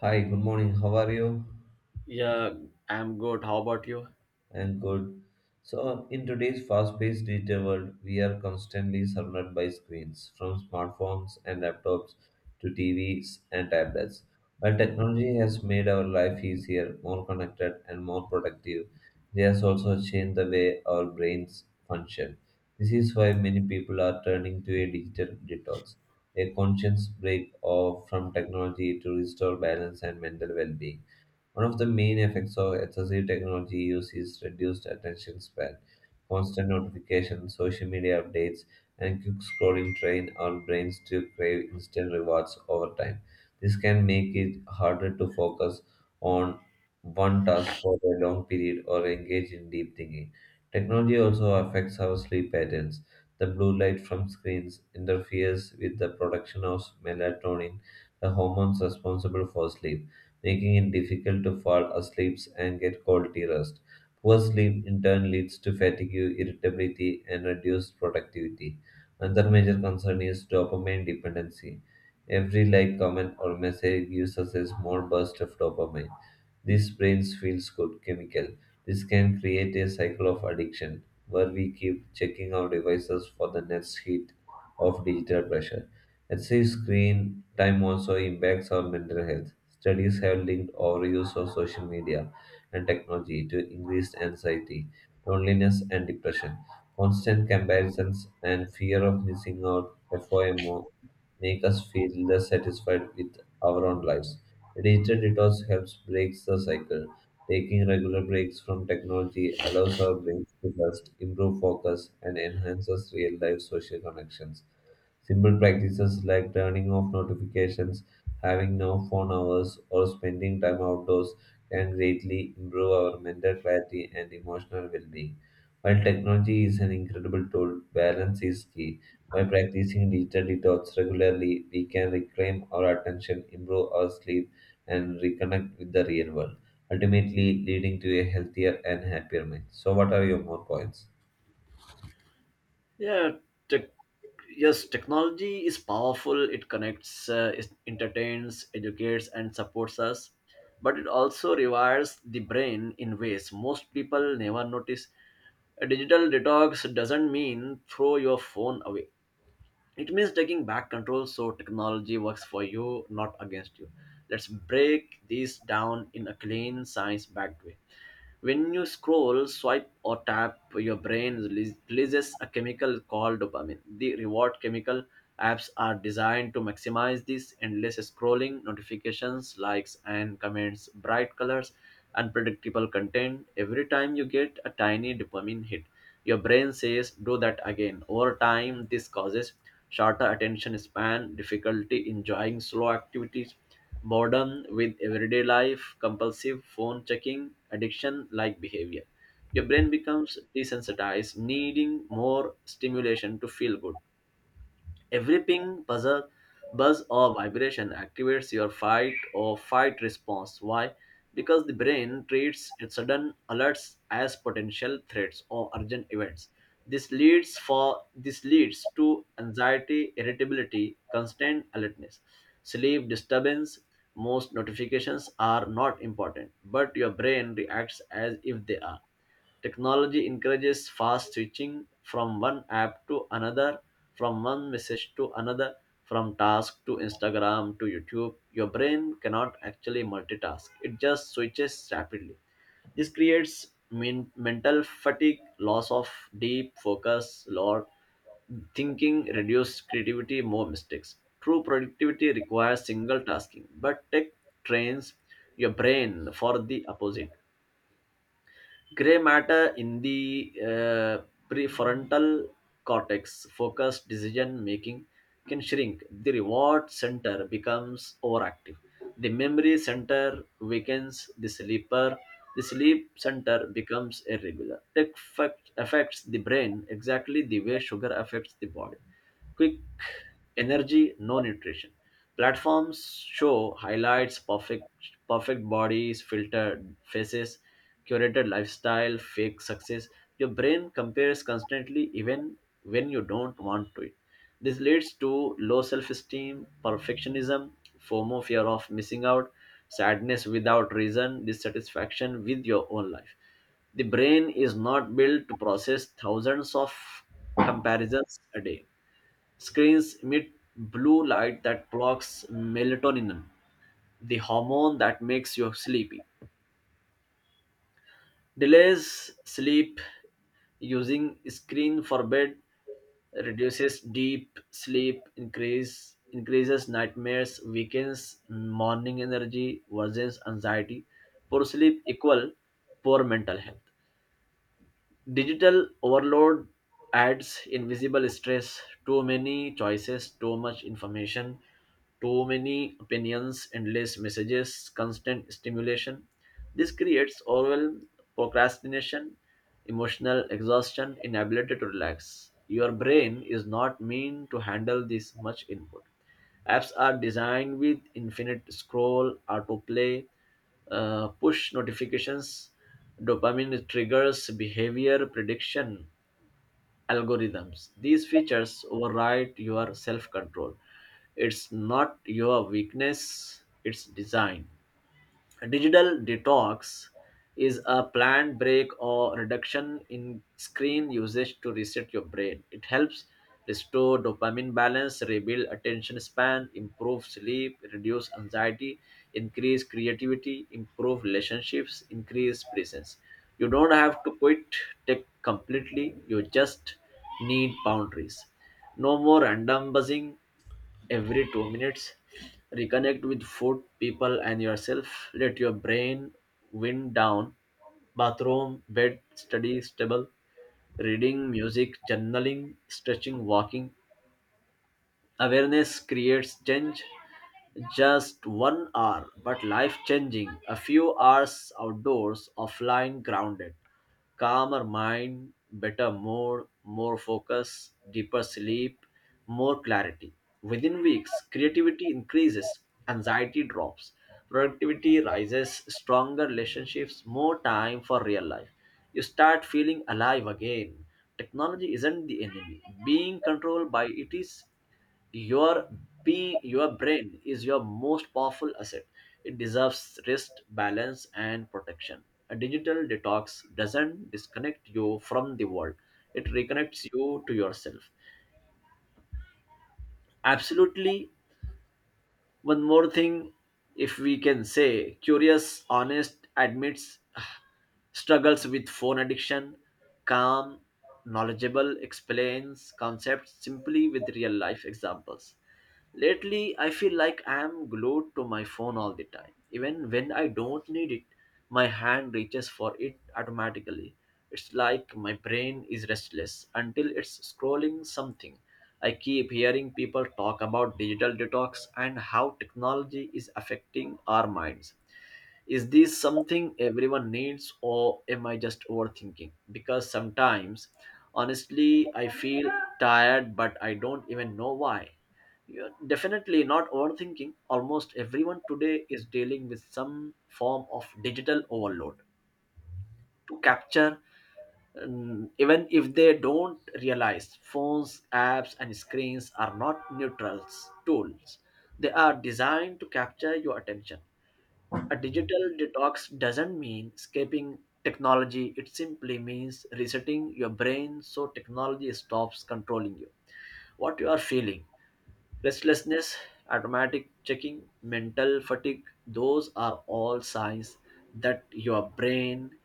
Hi, good morning. How are you? Yeah, I'm good. How about you? I'm good. In today's fast paced digital world, we are constantly surrounded by screens, from smartphones and laptops to TVs and tablets. While technology has made our life easier, more connected, and more productive, it has also changed the way our brains function. This is why many people are turning to a digital detox, a conscious break off from technology to restore balance and mental well being. One of the main effects of excessive technology use is reduced attention span. Constant notifications, social media updates, and quick scrolling train our brains to crave instant rewards over time. This can make it harder to focus on one task for a long period or engage in deep thinking. Technology also affects our sleep patterns. The blue light from screens interferes with the production of melatonin, the hormones responsible for sleep making it difficult to fall asleep and get quality rest. Poor sleep in turn leads to fatigue, irritability, and reduced productivity. Another major concern is dopamine dependency. Every like, comment, or message gives us a small burst of dopamine. This brain's feels good chemical. This can create a cycle of addiction where we keep checking our devices for the next hit of digital pressure. Excessive screen time also impacts our mental health. Studies have linked overuse of social media and technology to increased anxiety, loneliness, and depression. Constant comparisons and fear of missing out FOMO make us feel less satisfied with our own lives. A digital detox helps break the cycle. Taking regular breaks from technology allows our brains to rest, improve focus, and enhances real-life social connections. Simple practices like turning off notifications, having no phone hours, or spending time outdoors can greatly improve our mental clarity and emotional well being. While technology is an incredible tool, balance is key. By practicing digital detox regularly, we can reclaim our attention, improve our sleep, and reconnect with the real world, ultimately leading to a healthier and happier mind. So, what are your more points? Yeah, tech yes, technology is powerful. It connects, it entertains, educates, and supports us. But it also rewires the brain in ways most people never notice. A digital detox doesn't mean throw your phone away. It means taking back control so technology works for you, not against you. Let's break this down in a clean, science backed way. When you scroll, swipe, or tap, your brain releases a chemical called dopamine, the reward chemical. Apps are designed to maximize this: endless scrolling, notifications, likes, and comments, bright colors, unpredictable content. Every time you get a tiny dopamine hit, your brain says, do that again. Over time, this causes shorter attention span, difficulty enjoying slow activities, boredom with everyday life, compulsive phone checking, addiction like behavior. Your brain becomes desensitized, needing more stimulation to feel good. Every ping, buzzer, buzz, or vibration activates your fight or fight response. Why? Because the brain treats its sudden alerts as potential threats or urgent events. This leads to anxiety, irritability, constant alertness, sleep disturbance. Most notifications are not important, but your brain reacts as if they are. Technology encourages fast switching from one app to another, from one message to another, from task to Instagram to YouTube. Your brain cannot actually multitask, it just switches rapidly. This creates mental fatigue, loss of deep focus, lower thinking, reduced creativity, more mistakes. True productivity requires single tasking, but tech trains your brain for the opposite. Gray matter in the prefrontal cortex, focus, decision making, can shrink. The reward center becomes overactive. The memory center weakens. The sleep center becomes irregular. It affects the brain exactly the way sugar affects the body. Quick energy, no nutrition. Platforms show highlights, perfect bodies, filtered faces, curated lifestyle, fake success. Your brain compares constantly even when you don't want to it. This leads to low self-esteem, perfectionism, FOMO, fear of missing out, sadness without reason, dissatisfaction with your own life. The brain is not built to process thousands of comparisons a day. Screens emit blue light that blocks melatonin, the hormone that makes you sleepy. Delays sleep using screen for bed reduces deep sleep, increases nightmares, weakens morning energy, worsens anxiety. Poor sleep equal poor mental health. Digital overload adds invisible stress, too many choices, too much information, too many opinions, endless messages, constant stimulation. This creates overwhelm, procrastination, emotional exhaustion, inability to relax. Your brain is not meant to handle this much input. Apps are designed with infinite scroll, autoplay, push notifications, dopamine triggers, behavior prediction algorithms. These features override your self control. It's not your weakness, it's design. Digital detox is a planned break or reduction in screen usage to reset your brain. It helps restore dopamine balance, rebuild attention span, improve sleep, reduce anxiety, increase creativity, improve relationships, increase presence. You don't have to quit tech completely, you just need boundaries. No more random buzzing every 2 minutes. Reconnect with food, people, and yourself. Let your brain wind down. Bathroom, bed, study, stable, reading, music, journaling, stretching, walking. Awareness creates change. Just 1 hour, but life changing. A few hours outdoors, offline, grounded. Calmer mind, better mood, more focus, deeper sleep, more clarity. Within weeks, creativity increases, anxiety drops, productivity rises, stronger relationships, more time for real life. You start feeling alive again. Technology isn't the enemy. Being controlled by it is. your your brain is your most powerful asset. It deserves rest, balance, and protection. A digital detox doesn't disconnect you from the world, it reconnects you to yourself. Absolutely. One more thing, if we can say, curious, honest, admits struggles with phone addiction, calm, knowledgeable, explains concepts simply with real life examples. Lately, I feel like I am glued to my phone all the time. Even when I don't need it, my hand reaches for it automatically. It's like my brain is restless until it's scrolling something. I keep hearing people talk about digital detox and how technology is affecting our minds. Is this something everyone needs, or am I just overthinking? Because sometimes, honestly, I feel tired, but I don't even know why. You're definitely not overthinking. Almost everyone today is dealing with some form of digital overload. To capture Even if they don't realize, phones, apps, and screens are not neutral tools. They are designed to capture your attention. A digital detox doesn't mean escaping technology, it simply means resetting your brain so technology stops controlling you. What you are feeling, restlessness, automatic checking, mental fatigue, those are all signs that your brain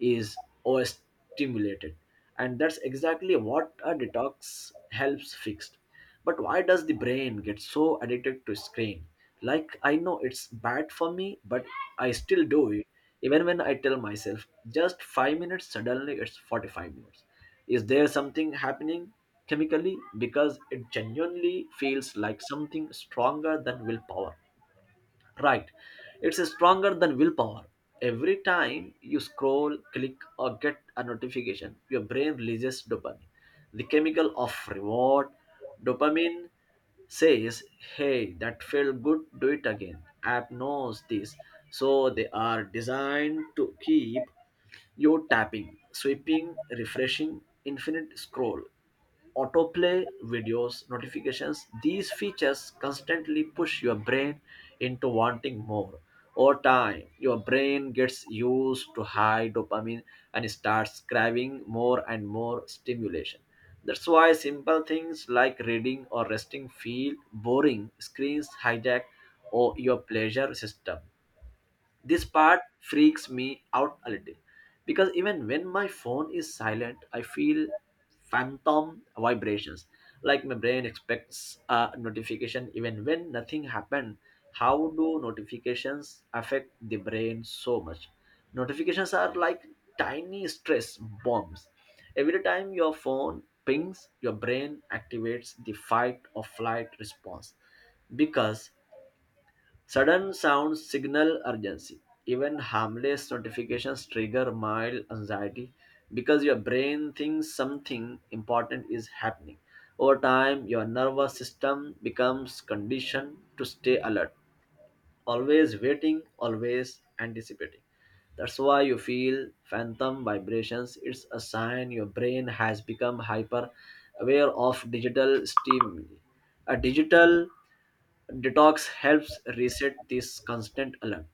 is overstimulated. And that's exactly what a detox helps fix. But why does the brain get so addicted to screen? Like I know it's bad for me, but I still do it. Even when I tell myself just 5 minutes, suddenly it's 45 minutes. Is there something happening chemically? Because it genuinely feels like something stronger than willpower. Right. It's stronger than willpower. Every time you scroll, click, or get a notification, your brain releases dopamine, the chemical of reward. Dopamine says, hey, that felt good, do it again. App knows this, so they are designed to keep you're tapping, sweeping, refreshing, infinite scroll, autoplay, videos, notifications. These features constantly push your brain into wanting more. Over time, your brain gets used to high dopamine and starts craving more and more stimulation. That's why simple things like reading or resting feel boring. Screens hijack or your pleasure system. This part freaks me out a little because even when my phone is silent, I feel phantom vibrations. Like my brain expects a notification even when nothing happened. How do notifications affect the brain so much? Notifications are like tiny stress bombs. Every time your phone pings, your brain activates the fight or flight response because sudden sounds signal urgency. Even harmless notifications trigger mild anxiety because your brain thinks something important is happening. Over time, your nervous system becomes conditioned to stay alert, always waiting, always anticipating. That's why you feel phantom vibrations. It's a sign your brain has become hyper aware of digital stimuli. A digital detox helps reset this constant alert.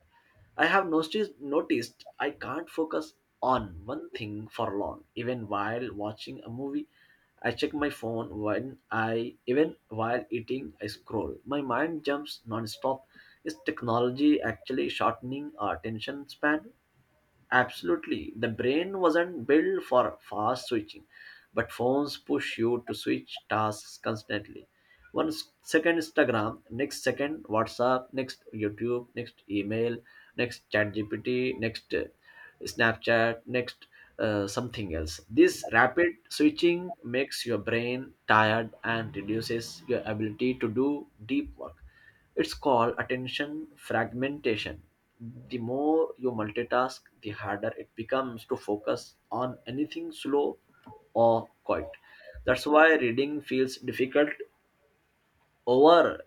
I have noticed I can't focus on one thing for long. Even while watching a movie, I check my phone. When I Even while eating I scroll. My mind jumps non-stop. Is technology actually shortening our attention span? Absolutely. The brain wasn't built for fast switching, but phones push you to switch tasks constantly. One second Instagram, next second WhatsApp, next YouTube, next email, next ChatGPT, next Snapchat, next something else. This rapid switching makes your brain tired and reduces your ability to do deep work. It's called attention fragmentation. The more you multitask, the harder it becomes to focus on anything slow or quiet. That's why reading feels difficult over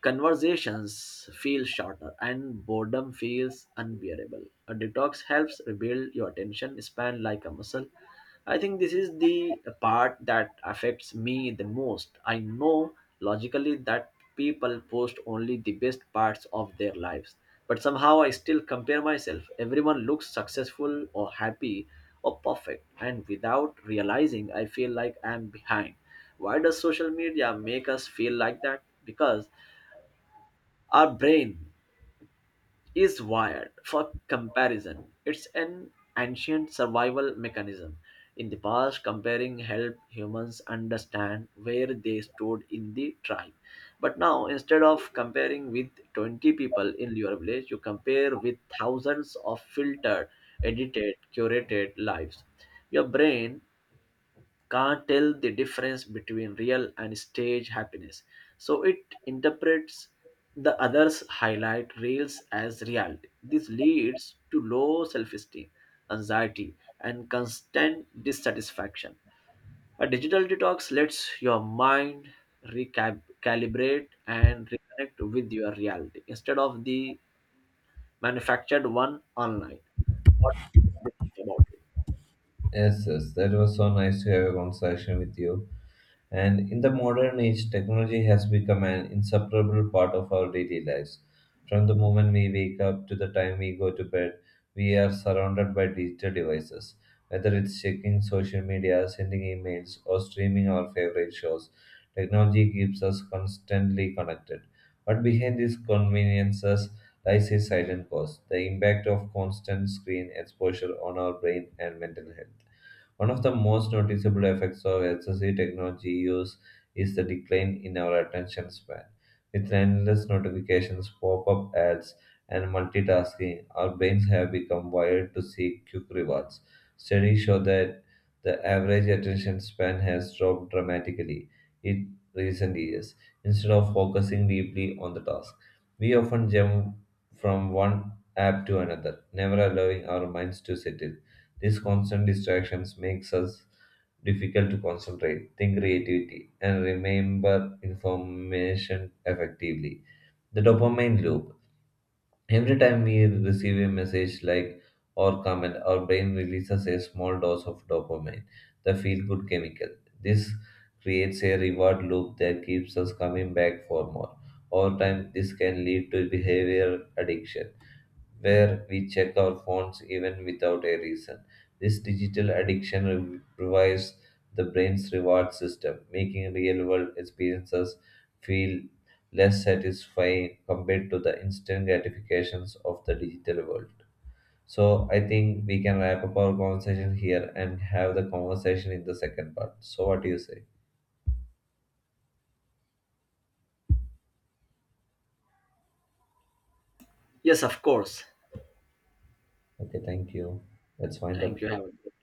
conversations feel shorter and boredom feels unbearable. A detox helps rebuild your attention span like a muscle. I think this is the part that affects me the most. I know logically that people post only the best parts of their lives, but somehow I still compare myself. Everyone looks successful or happy or perfect, and without realizing, I feel like I'm behind. Why does social media make us feel like that? Because our brain is wired for comparison. It's an ancient survival mechanism. In the past, comparing helped humans understand where they stood in the tribe. But now, instead of comparing with 20 people in your village, you compare with thousands of filtered, edited, curated lives. Your brain can't tell the difference between real and stage happiness. So it interprets the other's highlight reels as reality. This leads to low self esteem, anxiety, and constant dissatisfaction. A digital detox lets your mind recalibrate and reconnect with your reality instead of the manufactured one online. What do you believe about it? Yes, yes, that was so nice to have a conversation with you. And in the modern age, technology has become an inseparable part of our daily lives. From the moment we wake up to the time we go to bed, we are surrounded by digital devices. Whether it's checking social media, sending emails, or streaming our favorite shows, technology keeps us constantly connected. But behind these conveniences lies a silent cost the impact of constant screen exposure on our brain and mental health. One of the most noticeable effects of excessive technology use is the decline in our attention span. With endless notifications, pop up ads, and multitasking, our brains have become wired to seek quick rewards. Studies show that the average attention span has dropped dramatically in recent years. Instead of focusing deeply on the task, we often jump from one app to another, never allowing our minds to settle. These constant distractions makes us difficult to concentrate, think creativity, and remember information effectively. The dopamine loop. Every time we receive a message like or comment, our brain releases a small dose of dopamine, the feel-good chemical. This creates a reward loop that keeps us coming back for more. Over time, this can lead to behavior addiction where we check our phones even without a reason. This digital addiction revives the brain's reward system, making real world experiences feel less satisfying compared to the instant gratifications of the digital world. So, I think we can wrap up our conversation here and have the conversation in the second part. So, what do you say? Yes, of course. Okay, thank you. Let's wind up Thank you. here. Have a good